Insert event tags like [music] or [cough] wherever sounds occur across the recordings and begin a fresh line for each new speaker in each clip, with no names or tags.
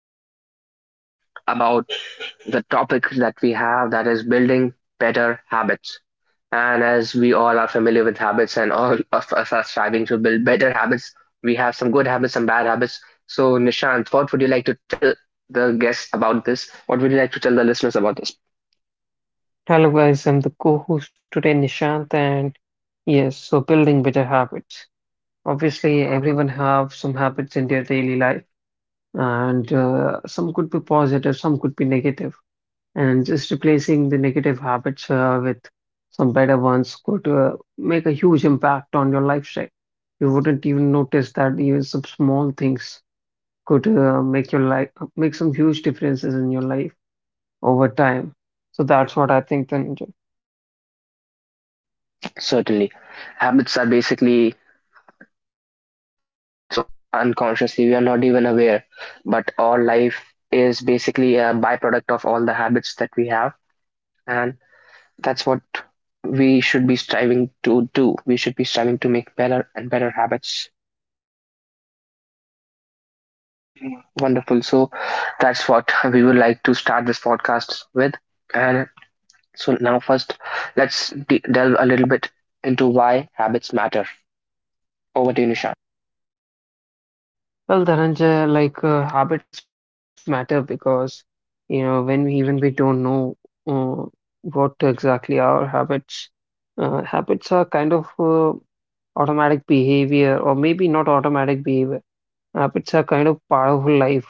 discuss in detail about the topic that we have, that is building better habits. And as we all are familiar with habits, and all [laughs] of us are striving to build better habits, we have some good habits, some bad habits. So, Nishant, what would you like to tell the guests about this? What would you like to tell the listeners about this?
Hello guys, I'm the co-host today, Nishant, and yes, so building better habits. Obviously, everyone have some habits in their daily life, and some could be positive, some could be negative, and just replacing the negative habits with some better ones could make a huge impact on your lifestyle. You wouldn't even notice that even some small things could make your life make some huge differences in your life over time. So that's what I think, then.
Certainly. Habits are basically shaping our lives unconsciously. We are not even aware, but our life is basically a byproduct of all the habits that we have, and that's what we should be striving to do. We should be striving to make better and better habits. Shaping. Wonderful. So that's what we would like to start this podcast with. And so now, first, let's delve a little bit into why habits matter. Over to you, Nisha.
Well, Dhananjay, like habits matter because you know when we, even we don't know uh, what exactly our habits habits are kind of automatic behavior or maybe not automatic behavior. Habits are kind of part of life.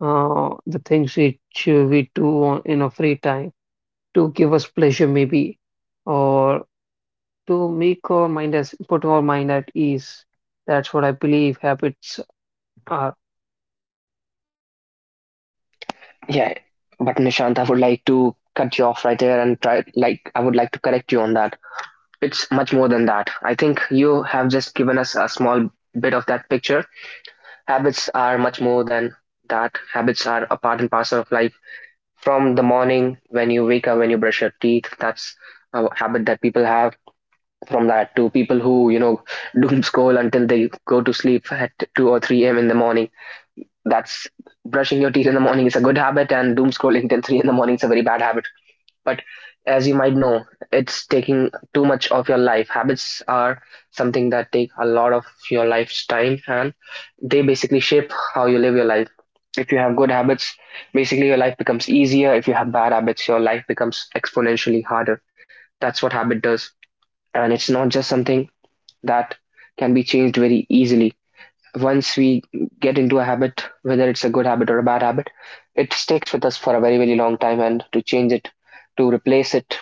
The things which we do on, in our free time to give us pleasure, maybe, or to make our mind as put our mind at ease. That's what I believe habits are.
Yeah, but Nishant, I would like to cut you off right there and try, like, I would like to correct you on that. It's much more than that. I think you have just given us a small bit of that picture. Habits are much more than that. Habits are a part and parcel of life. From the morning when you wake up, when you brush your teeth, that's a habit that people have. From that to people who, you know, [laughs] doom scroll until they go to sleep at 2 or 3 a.m. in the morning. That's, brushing your teeth in the morning is a good habit, and doom scrolling till 3 in the morning is a very bad habit. But as you might know, it's taking too much of your life. Habits are something that take a lot of your life's time, and they basically shape how you live your life. If you have good habits, basically your life becomes easier. If you have bad habits, your life becomes exponentially harder. That's what habit does. And it's not just something that can be changed very easily. Once we get into a habit, whether it's a good habit or a bad habit, it sticks with us for a very, very long time. And to change it, to replace it,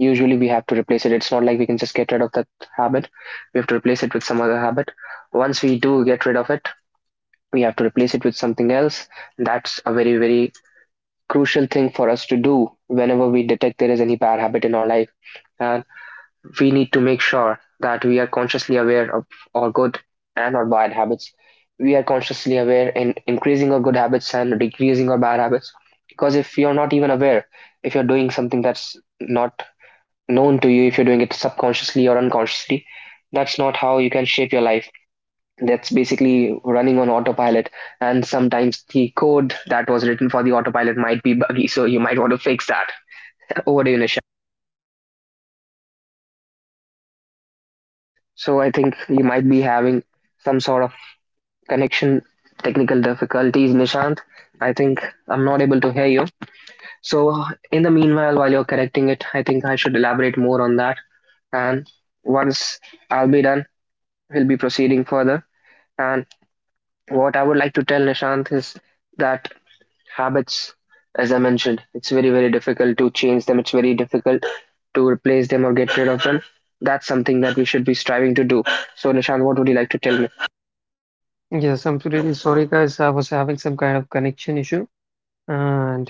usually we have to replace it. It's not like we can just get rid of that habit. We have to replace it with some other habit. Once we do get rid of it, we have to replace it with something else. That's a very, very crucial thing for us to do whenever we detect there is any bad habit in our life. And we need to make sure that we are consciously aware of our good and our bad habits. We are consciously aware in increasing our good habits and decreasing our bad habits, because if you're not even aware, if you're doing something that's not known to you, if you're doing it subconsciously or unconsciously, that's not how you can shape your life. That's basically running on autopilot. And sometimes the code that was written for the autopilot might be buggy, so you might want to fix that. [laughs] Over to you, Nish. So I think you might be having some sort of connection, technical difficulties, Nishant. I think I'm not able to hear you. So in the meanwhile, while you're correcting it, I think I should elaborate more on that. And once I'll be done, we'll be proceeding further. And what I would like to tell Nishant is that habits, as I mentioned, it's very, very difficult to change them. It's very difficult to replace them or get rid of them. That's something that we should be striving to do. So, Nishant, what would you like to tell me?
Yes, I'm really sorry, guys. I was having some kind of connection issue, and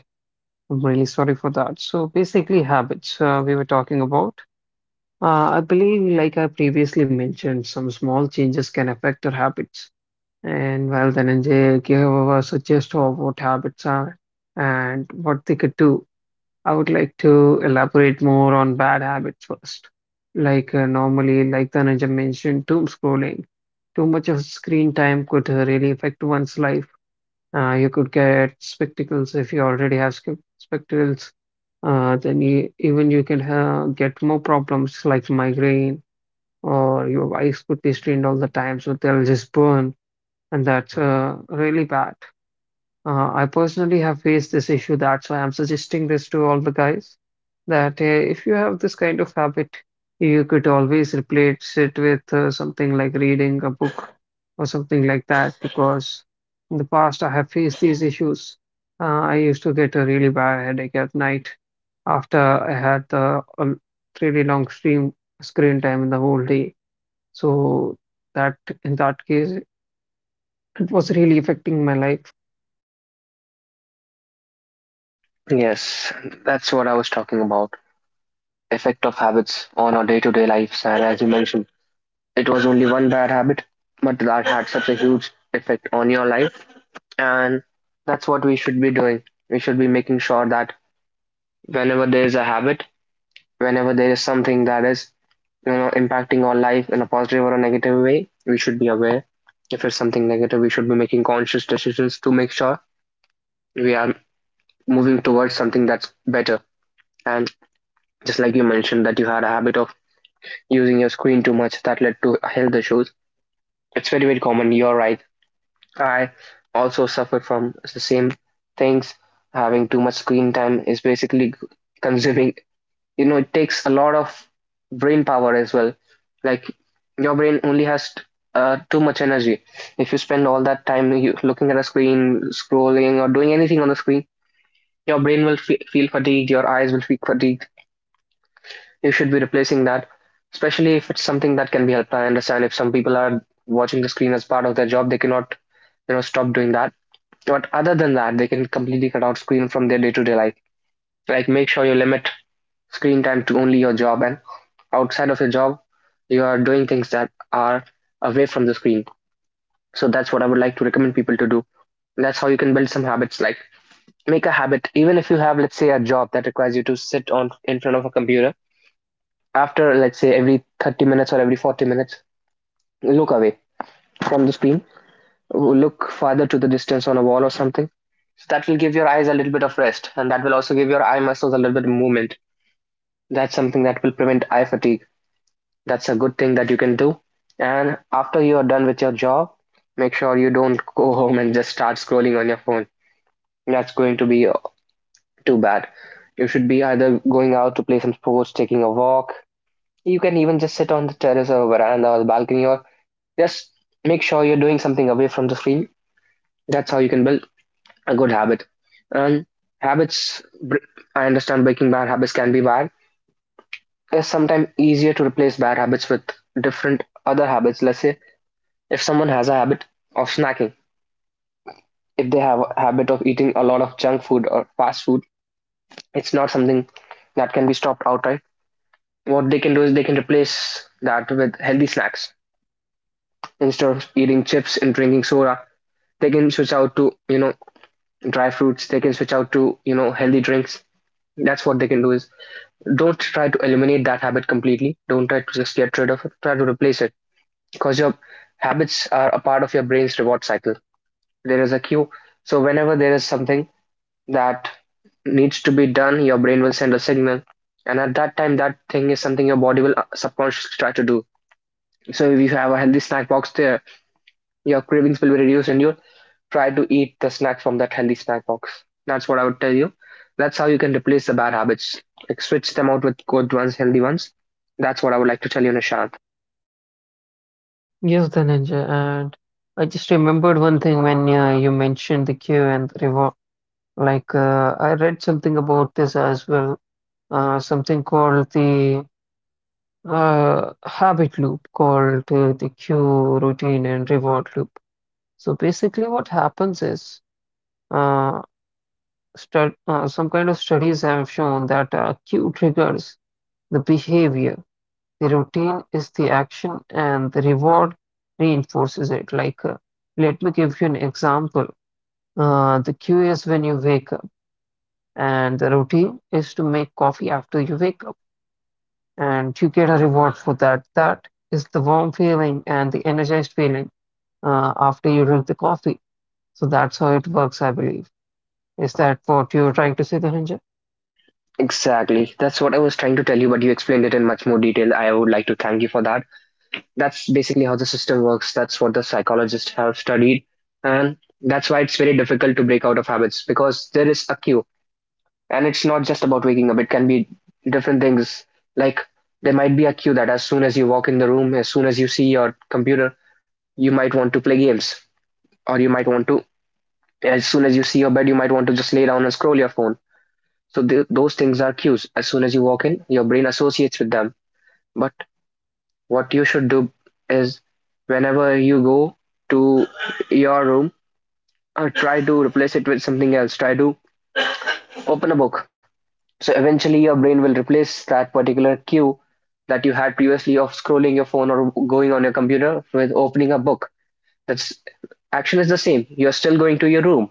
I'm really sorry for that. So basically, habits we were talking about. I believe, like I previously mentioned, some small changes can affect our habits. And well, Dhananjay gave a suggestion of what habits are and what they could do. I would like to elaborate more on bad habits first. Like normally, like Dhananjay mentioned, doom scrolling. Too much of screen time could really affect one's life. You could get spectacles if you already have spectacles. Then you, even you can ha get more problems like migraine or your eyes could be strained all the time, so they'll just burn, and that's really bad. I personally have faced this issue. That's why I'm suggesting this to all the guys that if you have this kind of habit, you could always replace it with something like reading a book or something like that. Because in the past, I have faced these issues. I used to get a really bad headache at night after I had the a really long stream screen time in the whole day. So that in that case, it was really affecting my life.
Yes, that's what I was talking about. Effect of habits on our day-to-day lives, and as you mentioned, it was only one bad habit, but that had such a huge effect on your life. And that's what we should be doing. We should be making sure that whenever there is a habit, whenever there is something that is, you know, impacting our life in a positive or a negative way, we should be aware. If it's something negative, we should be making conscious decisions to make sure we are moving towards something that's better. And just like you mentioned, that you had a habit of using your screen too much that led to health issues, it's very, very common. You're right, I also suffer from the same things. Having too much screen time is basically consuming, you know, it takes a lot of brain power as well. Like, your brain only has too much energy. If you spend all that time looking at a screen, scrolling or doing anything on the screen, your brain will feel fatigued, your eyes will feel fatigued. You should be replacing that, especially if it's something that can be helped. I understand if some people are watching the screen as part of their job, they cannot, you know, stop doing that. But other than that, they can completely cut out screen from their day-to-day life. Like, make sure you limit screen time to only your job, and outside of your job, you are doing things that are away from the screen. So that's what I would like to recommend people to do. And that's how you can build some habits. Like, make a habit, even if you have, let's say, a job that requires you to sit on in front of a computer. After, let's say, every 30 minutes or every 40 minutes, look away from the screen. Look farther to the distance on a wall or something. So that will give your eyes a little bit of rest, and that will also give your eye muscles a little bit of movement. That's something that will prevent eye fatigue. That's a good thing that you can do. And after you are done with your job, make sure you don't go home and just start scrolling on your phone. That's going to be too bad. You should be either going out to play some sports, taking a walk. You can even just sit on the terrace or veranda or the balcony, or just make sure you're doing something away from the screen. That's how you can build a good habit. And habits, I understand breaking bad habits can be bad. It's sometimes easier to replace bad habits with different other habits. Let's say if someone has a habit of snacking, if they have a habit of eating a lot of junk food or fast food, it's not something that can be stopped outright. What they can do is they can replace that with healthy snacks. Instead of eating chips and drinking soda, they can switch out to, you know, dry fruits. They can switch out to, you know, healthy drinks. That's what they can do. Is, don't try to eliminate that habit completely. Don't try to just get rid of it. Try to replace it. Because your habits are a part of your brain's reward cycle. There is a cue. So whenever there is something that needs to be done, your brain will send a signal. And at that time, that thing is something your body will subconsciously try to do. So if you have a healthy snack box there, your cravings will be reduced and you'll try to eat the snack from that healthy snack box. That's what I would tell you. That's how you can replace the bad habits. Like, switch them out with good ones, healthy ones. That's what I would like to tell you, Nishant.
Yes, Dhananjay, and I just remembered one thing when you mentioned the queue and the reward. Like I read something about this as well, something called the habit loop, called the queue routine and reward loop. So basically, what happens is uh, stud some kind of studies have shown that queue triggers the behavior. The routine is the action and the reward reinforces it. Like, let me give you an example. The cue is when you wake up, and the routine is to make coffee after you wake up, and you get a reward for that. That is the warm feeling and the energized feeling after you drink the coffee. So that's how it works, I believe. Is that what you're trying to say, Dhananjay?
Exactly. That's what I was trying to tell you, but you explained it in much more detail. I would like to thank you for that. That's basically how the system works. That's what the psychologists have studied. And that's why it's very difficult to break out of habits, because there is a cue. And it's not just about waking up, it can be different things. Like, there might be a cue that as soon as you walk in the room, as soon as you see your computer, you might want to play games. Or you might want to, as soon as you see your bed, you might want to just lay down and scroll your phone. So those things are cues. As soon as you walk in, your brain associates with them. But what you should do is, whenever you go to your room, try to replace it with something else. Try to open a book. So eventually, your brain will replace that particular cue that you had previously of scrolling your phone or going on your computer with opening a book. That's, action is the same. You're still going to your room.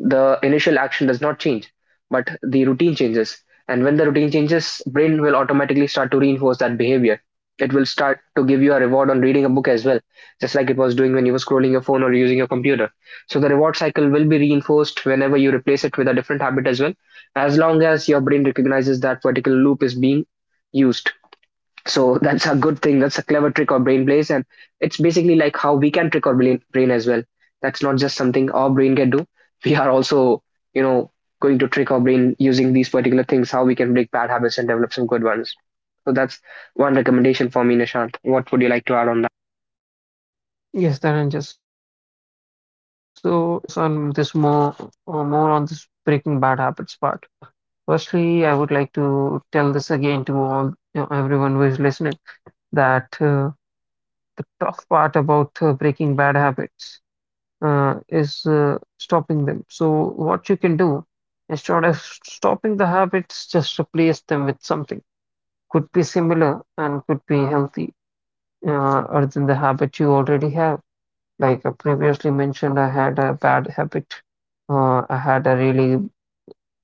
The initial action does not change, but the routine changes. And when the routine changes, brain will automatically start to reinforce that behavior. It will start to give you a reward on reading a book as well, just like it was doing when you were scrolling your phone or using your computer. So the reward cycle will be reinforced whenever you replace it with a different habit as well, as long as your brain recognizes that particular loop is being used. So [laughs] that's a good thing. That's a clever trick our brain plays, and it's basically like how we can trick our brain as well. That's not just something our brain can do. [laughs] We are also, you know, going to trick our brain using these particular things, how we can break bad habits and develop some good ones. So that's one recommendation for me, Nishant. What would you like to add on that?
Yes, Dhananjay. So let me focus on this more, more on this breaking bad habits part. Firstly, I would like to tell this again to all you know, everyone who is listening that the tough part about breaking bad habits is stopping them. So what you can do instead of stopping the habits, just replace them with something. Could be similar and could be healthy other than the habit you already have. Like I previously mentioned, I had a bad habit. I had a really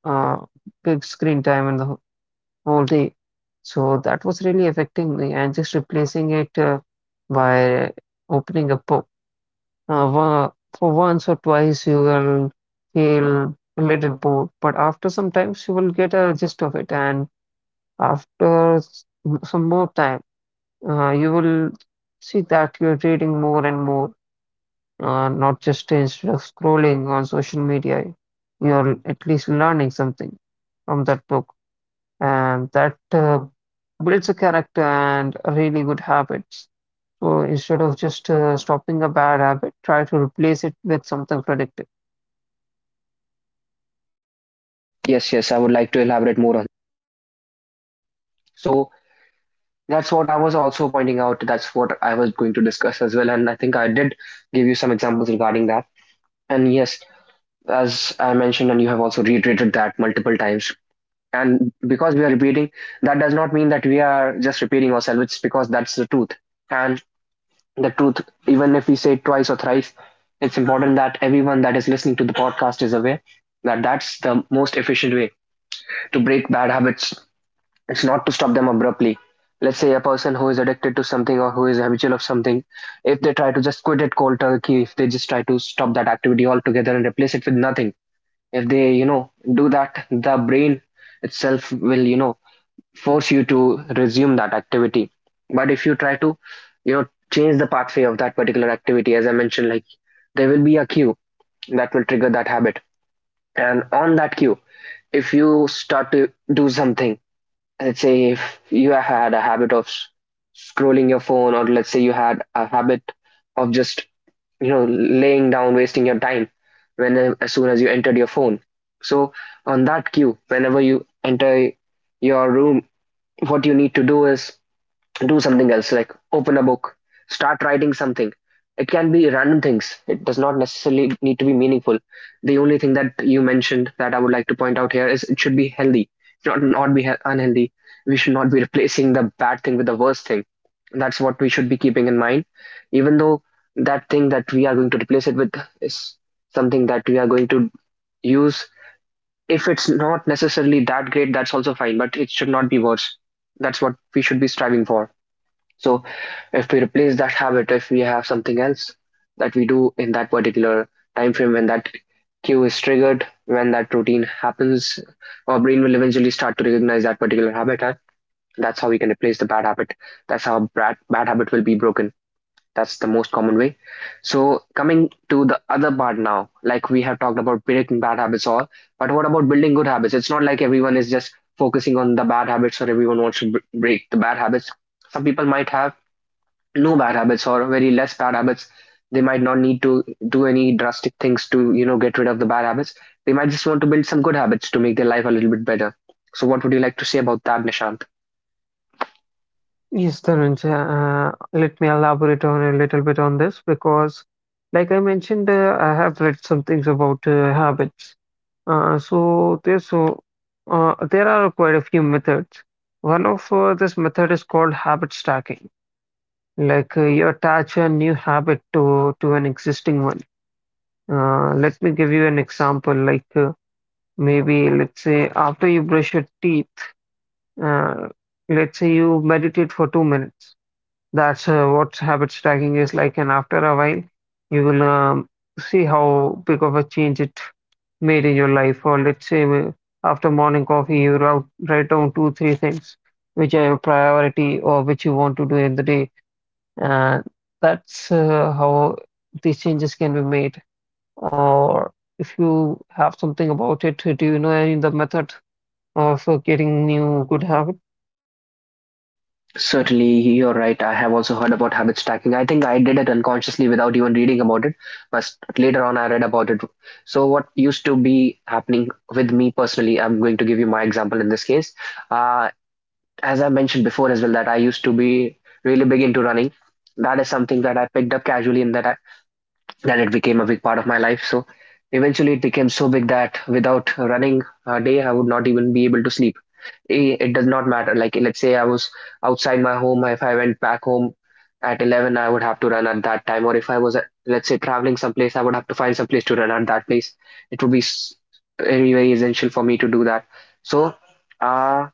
uh, big screen time in the whole day. So that was really affecting me, and just replacing it by opening a book. Uh, wa- for once or twice, you will feel a little bored, but after some time, you will get a gist of it, and after some more time, you will see that you're reading more and more, not just instead of scrolling on social media, you're at least learning something from that book and that builds a character and really good habits. So instead of just stopping a bad habit, try to replace it with something productive.
Yes, yes, I would like to elaborate more on. So that's what I was also pointing out. That's what I was going to discuss as well, and I think I did give you some examples regarding that. And yes, as I mentioned, and you have also reiterated that multiple times. And because we are repeating, that does not mean that we are just repeating ourselves. It's because that's the truth. And the truth, even if we say it twice or thrice, it's important that everyone that is listening to the podcast is aware that that's the most efficient way to break bad habits. It's not to stop them abruptly. Let's say a person who is addicted to something or who is habitual of something, if they try to just quit it cold turkey, if they just try to stop that activity altogether and replace it with nothing, if they do that, the brain itself will force you to resume that activity. But if you try to you know change the pathway of that particular activity, as I mentioned, like there will be a cue that will trigger that habit, and on that cue, if you start to do something. Let's say if you had a habit of scrolling your phone, or let's say you had a habit of just laying down wasting your time when as soon as you entered your phone. So on that cue, whenever you enter your room, what you need to do is do something else, like open a book, start writing something. It can be random things. It does not necessarily need to be meaningful. The only thing that you mentioned that I would like to point out here is it should be healthy, not be unhealthy. We should not be replacing the bad thing with the worst thing. That's what we should be keeping in mind. Even though that thing that we are going to replace it with is something that we are going to use, if it's not necessarily that great, that's also fine, but it should not be worse. That's what we should be striving for. So if we replace that habit, if we have something else that we do in that particular time frame, when that cue is triggered, when that routine happens, our brain will eventually start to recognize that particular habit. And that's how we can replace the bad habit. That's how bad habit will be broken. That's the most common way. So coming to the other part now, like we have talked about breaking bad habits all, but what about building good habits? It's not like everyone is just focusing on the bad habits or everyone wants to break the bad habits. Some people might have no bad habits or very less bad habits. They might not need to do any drastic things to get rid of the bad habits. They might just want to build some good habits to make their life a little bit better. So what would you like to say about that, Nishant?
Yes, Dhananjay, let me elaborate on a little bit on this because, like I mentioned, I have read some things about habits. Uh, so there's so there are quite a few methods. One of this method is called habit stacking. Like you attach a new habit to an existing one. Let me give you an example. Like maybe let's say after you brush your teeth, uh, let's say you meditate for 2 minutes. That's what habit stacking is like. And after a while, you will see how big of a change it made in your life. Or let's say after morning coffee, you wrote, write down two, three things which are your priority or which you want to do in the day. And that's how these changes can be made. Or if you have something about it, do you know any the method of getting new good habit?
Certainly, you're right. I have also heard about habit stacking. I think I did it unconsciously without even reading about it. But later on, I read about it. So what used to be happening with me personally, I'm going to give you my example in this case. uh, as I mentioned before as well, that I used to be really big into running. That is something that I picked up casually, and that it became a big part of my life. So eventually, it became so big that without running a day, I would not even be able to sleep. It does not matter. Like let's say I was outside my home. If I went back home at 11, I would have to run at that time. Or if I was, let's say, traveling someplace, I would have to find some place to run at that place. It would be very, very essential for me to do that. So. Uh,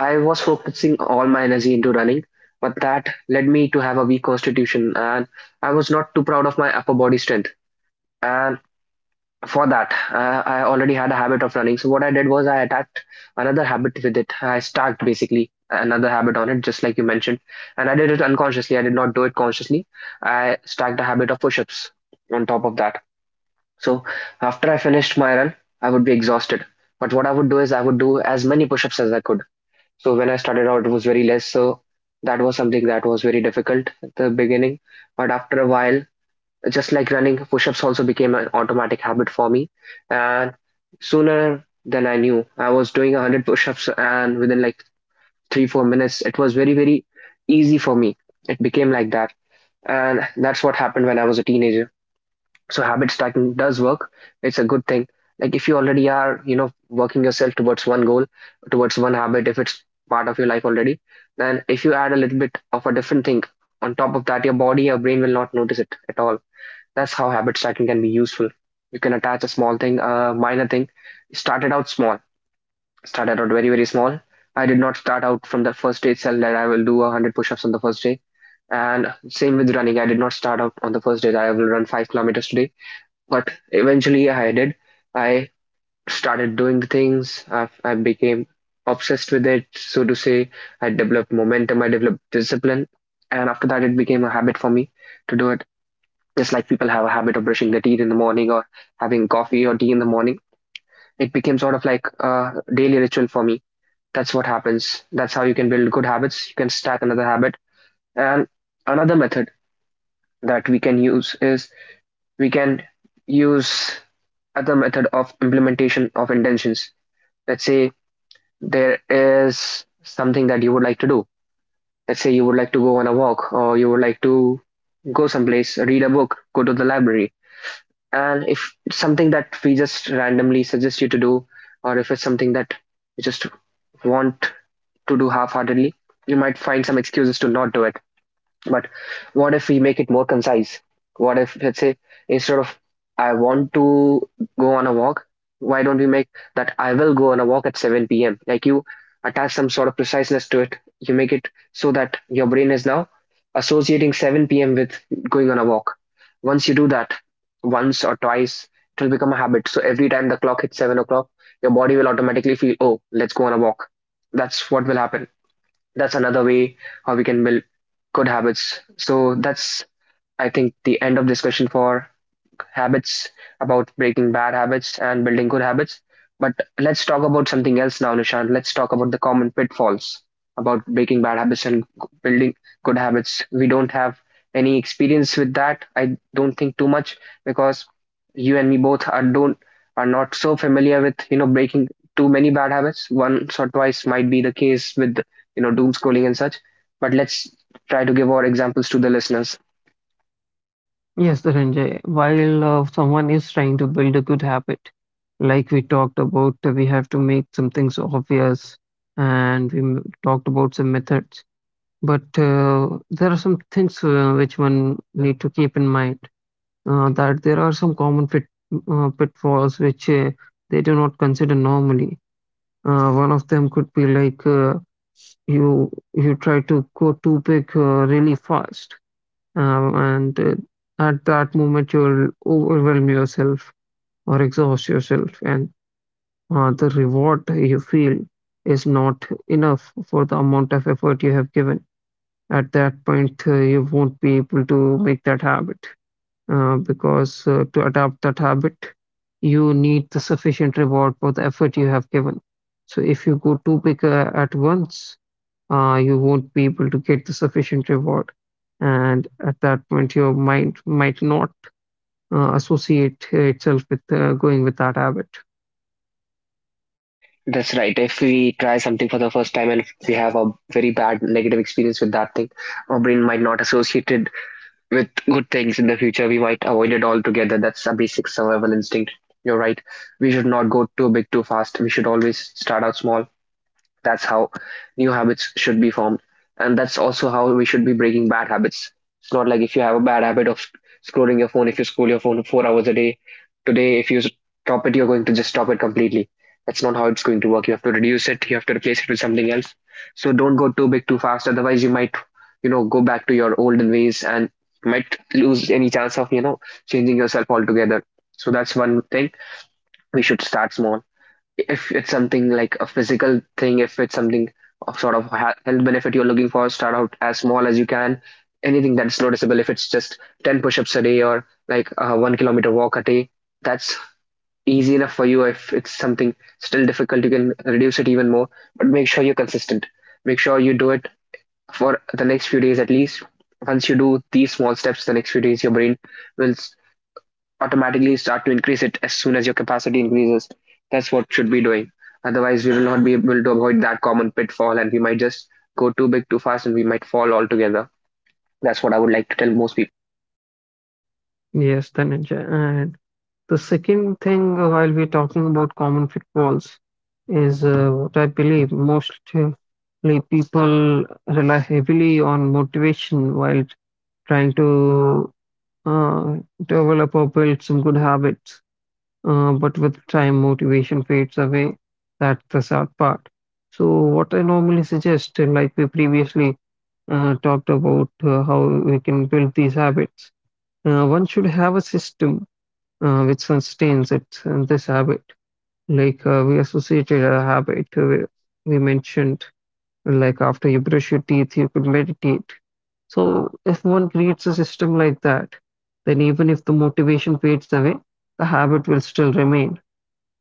I was focusing all my energy into running, but that led me to have a weak constitution, and I was not too proud of my upper body strength. And for that, I already had a habit of running. So what I did was I attacked another habit with it. I stacked basically another habit on it, just like you mentioned. And I did it unconsciously. I did not do it consciously. I stacked a habit of push-ups on top of that. So after I finished my run, I would be exhausted. But what I would do is I would do as many push-ups as I could. So when I started out, it was very less. So that was something that was very difficult at the beginning. But after a while, just like running, push-ups also became an automatic habit for me. And sooner than I knew, I was doing 100 push-ups, and within like three, 4 minutes, it was very, very easy for me. It became like that. And that's what happened when I was a teenager. So habit stacking does work. It's a good thing. Like if you already are, working yourself towards one goal, towards one habit, if it's part of your life already, then if you add a little bit of a different thing on top of that, your body, your brain will not notice it at all. That's how habit stacking can be useful. You can attach a small thing, a minor thing. Started out small, started out very, very small. I did not start out from the first day itself that I will do 100 push-ups on the first day. And same with running, I did not start out on the first day that I will run 5 kilometers today. But eventually I did. I started doing the things. I became obsessed with it, so to say. I developed momentum. I developed discipline, and after that, it became a habit for me to do it. Just like people have a habit of brushing their teeth in the morning or having coffee or tea in the morning, it became sort of like a daily ritual for me. That's what happens. That's how you can build good habits. You can stack another habit. And another method that we can use is we can use other method of implementation of intentions. Let's say there is something that you would like to do. Let's say you would like to go on a walk, or you would like to go someplace, read a book, go to the library. And if it's something that we just randomly suggest you to do, or if it's something that you just want to do half heartedly, you might find some excuses to not do it. But what if we make it more concise? What if, let's say, instead of I want to go on a walk, why don't we make that I will go on a walk at 7 p.m.? Like you attach some sort of preciseness to it. You make it so that your brain is now associating 7 p.m. with going on a walk. Once you do that, once or twice, it will become a habit. So every time the clock hits 7 o'clock, your body will automatically feel, oh, let's go on a walk. That's what will happen. That's another way how we can build good habits. So that's, I think, the end of this question for habits, about breaking bad habits and building good habits. But let's talk about something else now, Nishant. Let's talk about the common pitfalls about breaking bad habits and building good habits. We don't have any experience with that. I don't think too much because you and me both are don't, are not so familiar with breaking too many bad habits. Once or twice might be the case with doom scrolling and such. But let's try to give our examples to the listeners.
Yes, Dhananjay. While someone is trying to build a good habit, like we talked about, we have to make some things obvious, and we talked about some methods. But there are some things which one need to keep in mind that there are some common pitfalls which they do not consider normally. One of them could be like you try to go too big really fast, and at that moment you'll overwhelm yourself or exhaust yourself, and the reward you feel is not enough for the amount of effort you have given. At that point, you won't be able to make that habit because to adapt that habit, you need the sufficient reward for the effort you have given. So if you go too big at once, you won't be able to get the sufficient reward. And at that point, your mind might not associate itself with going with that habit.
That's right. If we try something for the first time and if we have a very bad negative experience with that thing, our brain might not associate it with good things in the future. We might avoid it altogether. That's a basic survival instinct. You're right. We should not go too big too fast. We should always start out small. That's how new habits should be formed. And that's also how we should be breaking bad habits. It's not like if you have a bad habit of scrolling your phone, if you scroll your phone 4 hours a day, today, if you stop it, you're going to just stop it completely. That's not how it's going to work. You have to reduce it, you have to replace it with something else. So don't go too big too fast, otherwise, you might, go back to your olden ways and might lose any chance of, changing yourself altogether. So that's one thing. We should start small if it's something like a physical thing, if it's something of sort of health benefit you're looking for, start out as small as you can. Anything that's noticeable, if it's just 10 push ups a day or like a 1 kilometer walk a day, that's easy enough for you. If it's something still difficult, you can reduce it even more, but make sure you're consistent. Make sure you do it for the next few days at least. Once you do these small steps, the next few days, your brain will automatically start to increase it as soon as your capacity increases. That's what should be doing. Otherwise, we will not be able to avoid that common pitfall, and we might just go too big too fast, and we might fall altogether. That's what I would like to tell most people.
Yes, Dhananjay. And the second thing, while we're talking about common pitfalls, is what I believe mostly people rely heavily on motivation while trying to uh, develop or build some good habits. But with time, motivation fades away. That's the sad part. So, what I normally suggest, like we previously talked about how we can build these habits, one should have a system which sustains it, this habit. Like we associated a habit we mentioned, like after you brush your teeth, you could meditate. So, if one creates a system like that, then even if the motivation fades away, the habit will still remain.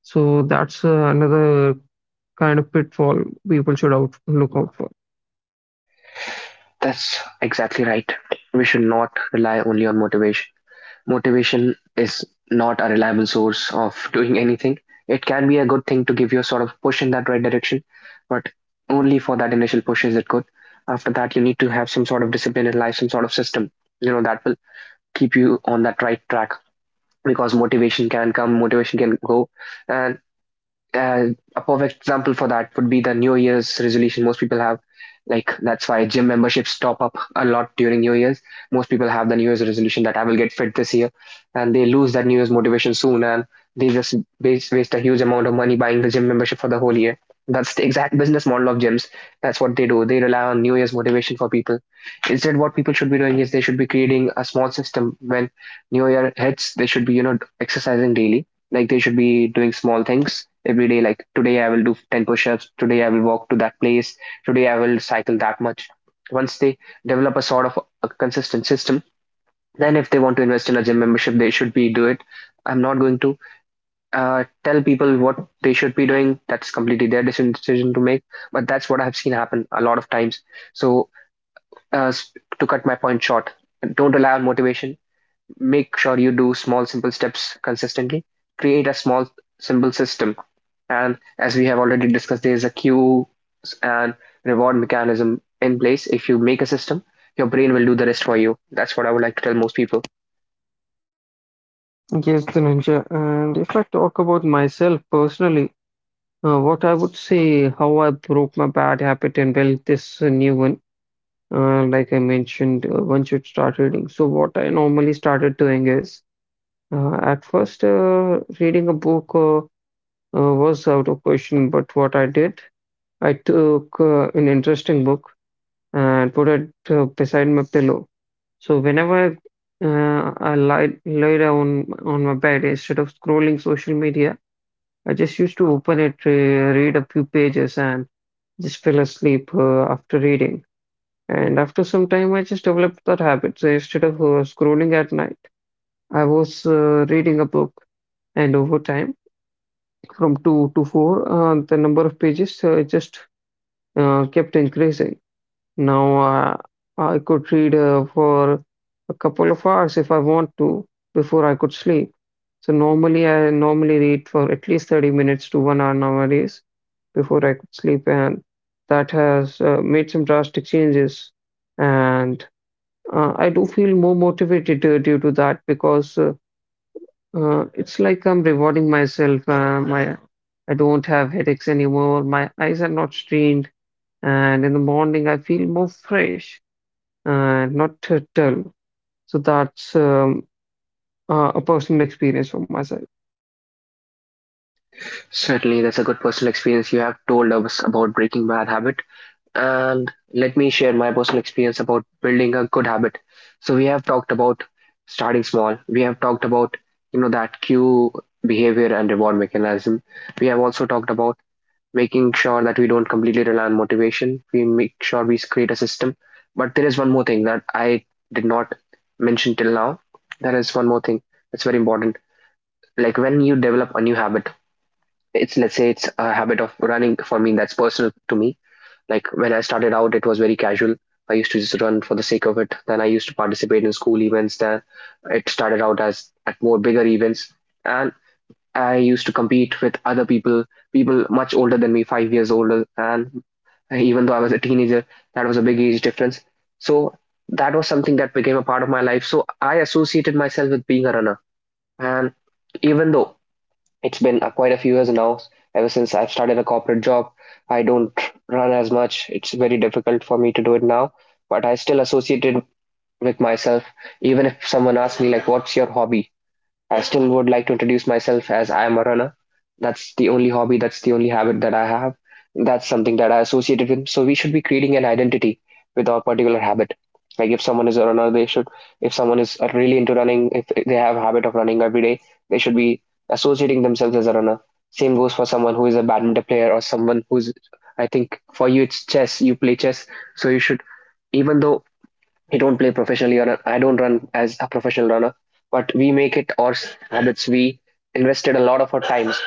So that's another kind of pitfall people should out look out for.
That's exactly right. We should not rely only on motivation. Motivation is not a reliable source of doing anything. It can be a good thing to give you a sort of push in that right direction, but only for that initial push is it good. After that, you need to have some sort of discipline in life, some sort of system, you know, that will keep you on that right track because motivation can come, motivation can go, and uh, a perfect example for that would be the New Year's resolution most people have. Like that's why gym memberships top up a lot during New Year's. Most people have the New Year's resolution that I will get fit this year, and they lose that New Year's motivation soon, and they just waste a huge amount of money buying the gym membership for the whole year. That's the exact business model of gyms. That's what they do. They rely on New Year's motivation for people. Instead, what people should be doing is they should be creating a small system. When New Year hits, they should be, you know, exercising daily like they should be doing small things every day. Like today I will do 10 push-ups. Today I will walk to that place. Today I will cycle that much. Once they develop a sort of a consistent system, then if they want to invest in a gym membership, they should be do it. I'm not going to tell people what they should be doing. That's completely their decision to make. But that's what I have seen happen a lot of times. So uh, to cut my point short, don't rely on motivation, make sure you do small simple steps consistently, create a small simple system, and as we have already discussed, there is a cue and reward mechanism in place. If you make a system, your brain will do the rest for you. That's what I would like to tell most people.
Yes, Dhananjay. And if I talk about myself personally, what I would say, how I broke my bad habit and built this new one, like I mentioned, once you start reading. So, what I normally started doing is, at first, reading a book was out of question, but what I did, I took an interesting book and put it beside my pillow. So whenever lie down on my bed instead of scrolling social media, I just used to open it, read a few pages, and just fell asleep after reading. And after some time, I just developed that habit. So instead of scrolling at night, I was reading a book, and over time, from two to four, the number of pages just kept increasing. Now I could read for a couple of hours if I want to before I could sleep. So normally I normally read for at least 30 minutes to 1 hour nowadays before I could sleep, and that has made some drastic changes. And I do feel more motivated due to that because it's like I'm rewarding myself. My I don't have headaches anymore. My eyes are not strained, and in the morning I feel more fresh and not dull. So that's a personal experience from my side.
Certainly that's a good personal experience you have told us about breaking bad habit, and let me share my personal experience about building a good habit. So we have talked about starting small. We have talked about, you know, that cue, behavior and reward mechanism. We have also talked about making sure that we don't completely rely on motivation. We make sure we create a system. But there is one more thing that I did not mention till now. There is one more thing that's very important. Like when you develop a new habit, it's, let's say it's a habit of running for me, that's personal to me. Like when I started out, it was very casual. I used to just run for the sake of it. Then I used to participate in school events. Then it started out as at more bigger events, and I used to compete with other people, people much older than me, 5 years older. And even though I was a teenager, that was a big age difference. So that was something that became a part of my life. So I associated myself with being a runner. And even though it's been quite a few years now. Ever since I've started a corporate job, I don't run as much. It's very difficult for me to do it now, but I still associate it with myself. Even if someone asks me, like, what's your hobby? I still would like to introduce myself as I am a runner. That's the only hobby, that's the only habit that I have. That's something that I associated with. So we should be creating an identity with our particular habit. Like if someone is a runner, they should, if someone is really into running, if they have a habit of running every day, they should be associating themselves as a runner. Same goes for someone who is a badminton player or someone who's, I think for you, it's chess, you play chess. So you should, even though I don't play professionally or I don't run as a professional runner, but we make it our habits. We invested a lot of our times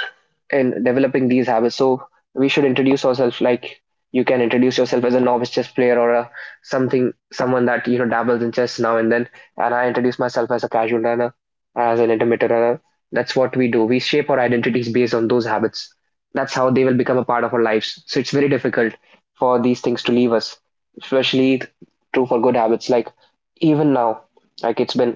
in developing these habits. So we should introduce ourselves like you can introduce yourself as a novice chess player or a something, someone that, you know, dabbles in chess now and then. And I introduce myself as a casual runner, as an intermittent runner. That's what we do. We shape our identities based on those habits. That's how they will become a part of our lives. So it's very difficult for these things to leave us, especially true for good habits. Like even now, like it's been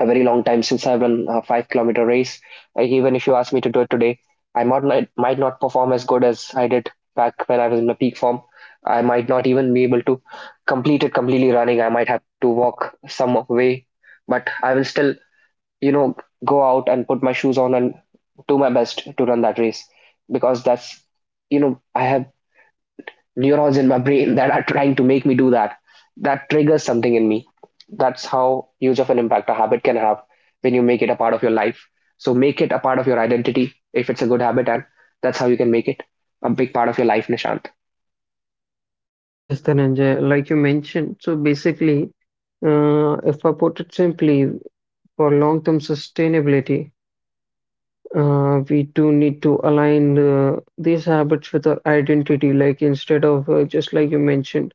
a very long time since I've run a 5 kilometer race. Like even if you ask me to do it today, I might not perform as good as I did back when I was in the peak form. I might not even be able to complete it completely running. I might have to walk some way, but I will still, you know, go out and put my shoes on and do my best to run that race because that's, you know, I have neurons in my brain that are trying to make me do that. That triggers something in me. That's how huge of an impact a habit can have when you make it a part of your life. So make it a part of your identity if it's a good habit, and that's how you can make it a big part of your life, Nishant.
Yes, Dhananjay, like you mentioned, so basically, if I put it simply, for long-term sustainability, we do need to align these habits with our identity. Like instead of just like you mentioned,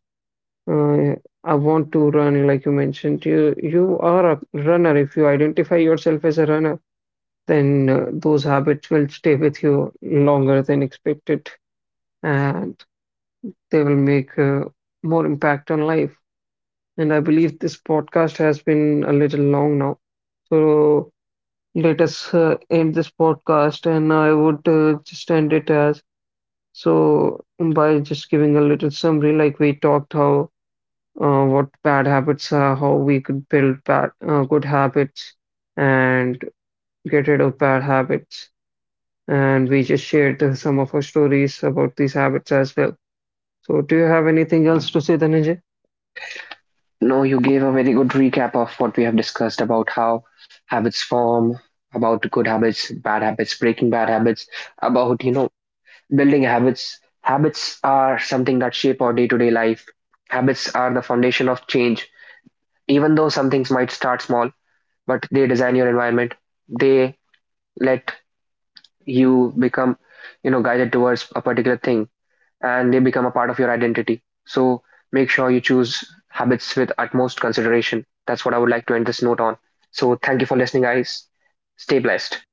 uh, I want to run. Like you mentioned, you are a runner. If you identify yourself as a runner then those habits will stay with you longer than expected and they will make more impact on life. And I believe this podcast has been a little long now. So let us end this podcast, and I would just end it as so by just giving a little summary, like we talked how what bad habits are, how we could build bad good habits, and get rid of bad habits. And we just shared some of our stories about these habits as well. So, do you have anything else to say, Dhananjay?
No, you gave a very good recap of what we have discussed about how habits form, about good habits, bad habits, breaking bad habits, about, you know, building habits. Habits are something that shape our day to day life. Habits are the foundation of change. Even though some things might start small, but they design your environment, they let you become, you know, guided towards a particular thing, and they become a part of your identity. So make sure you choose habits with utmost consideration. That's what I would like to end this note on. So thank you for listening, guys. Stay blessed.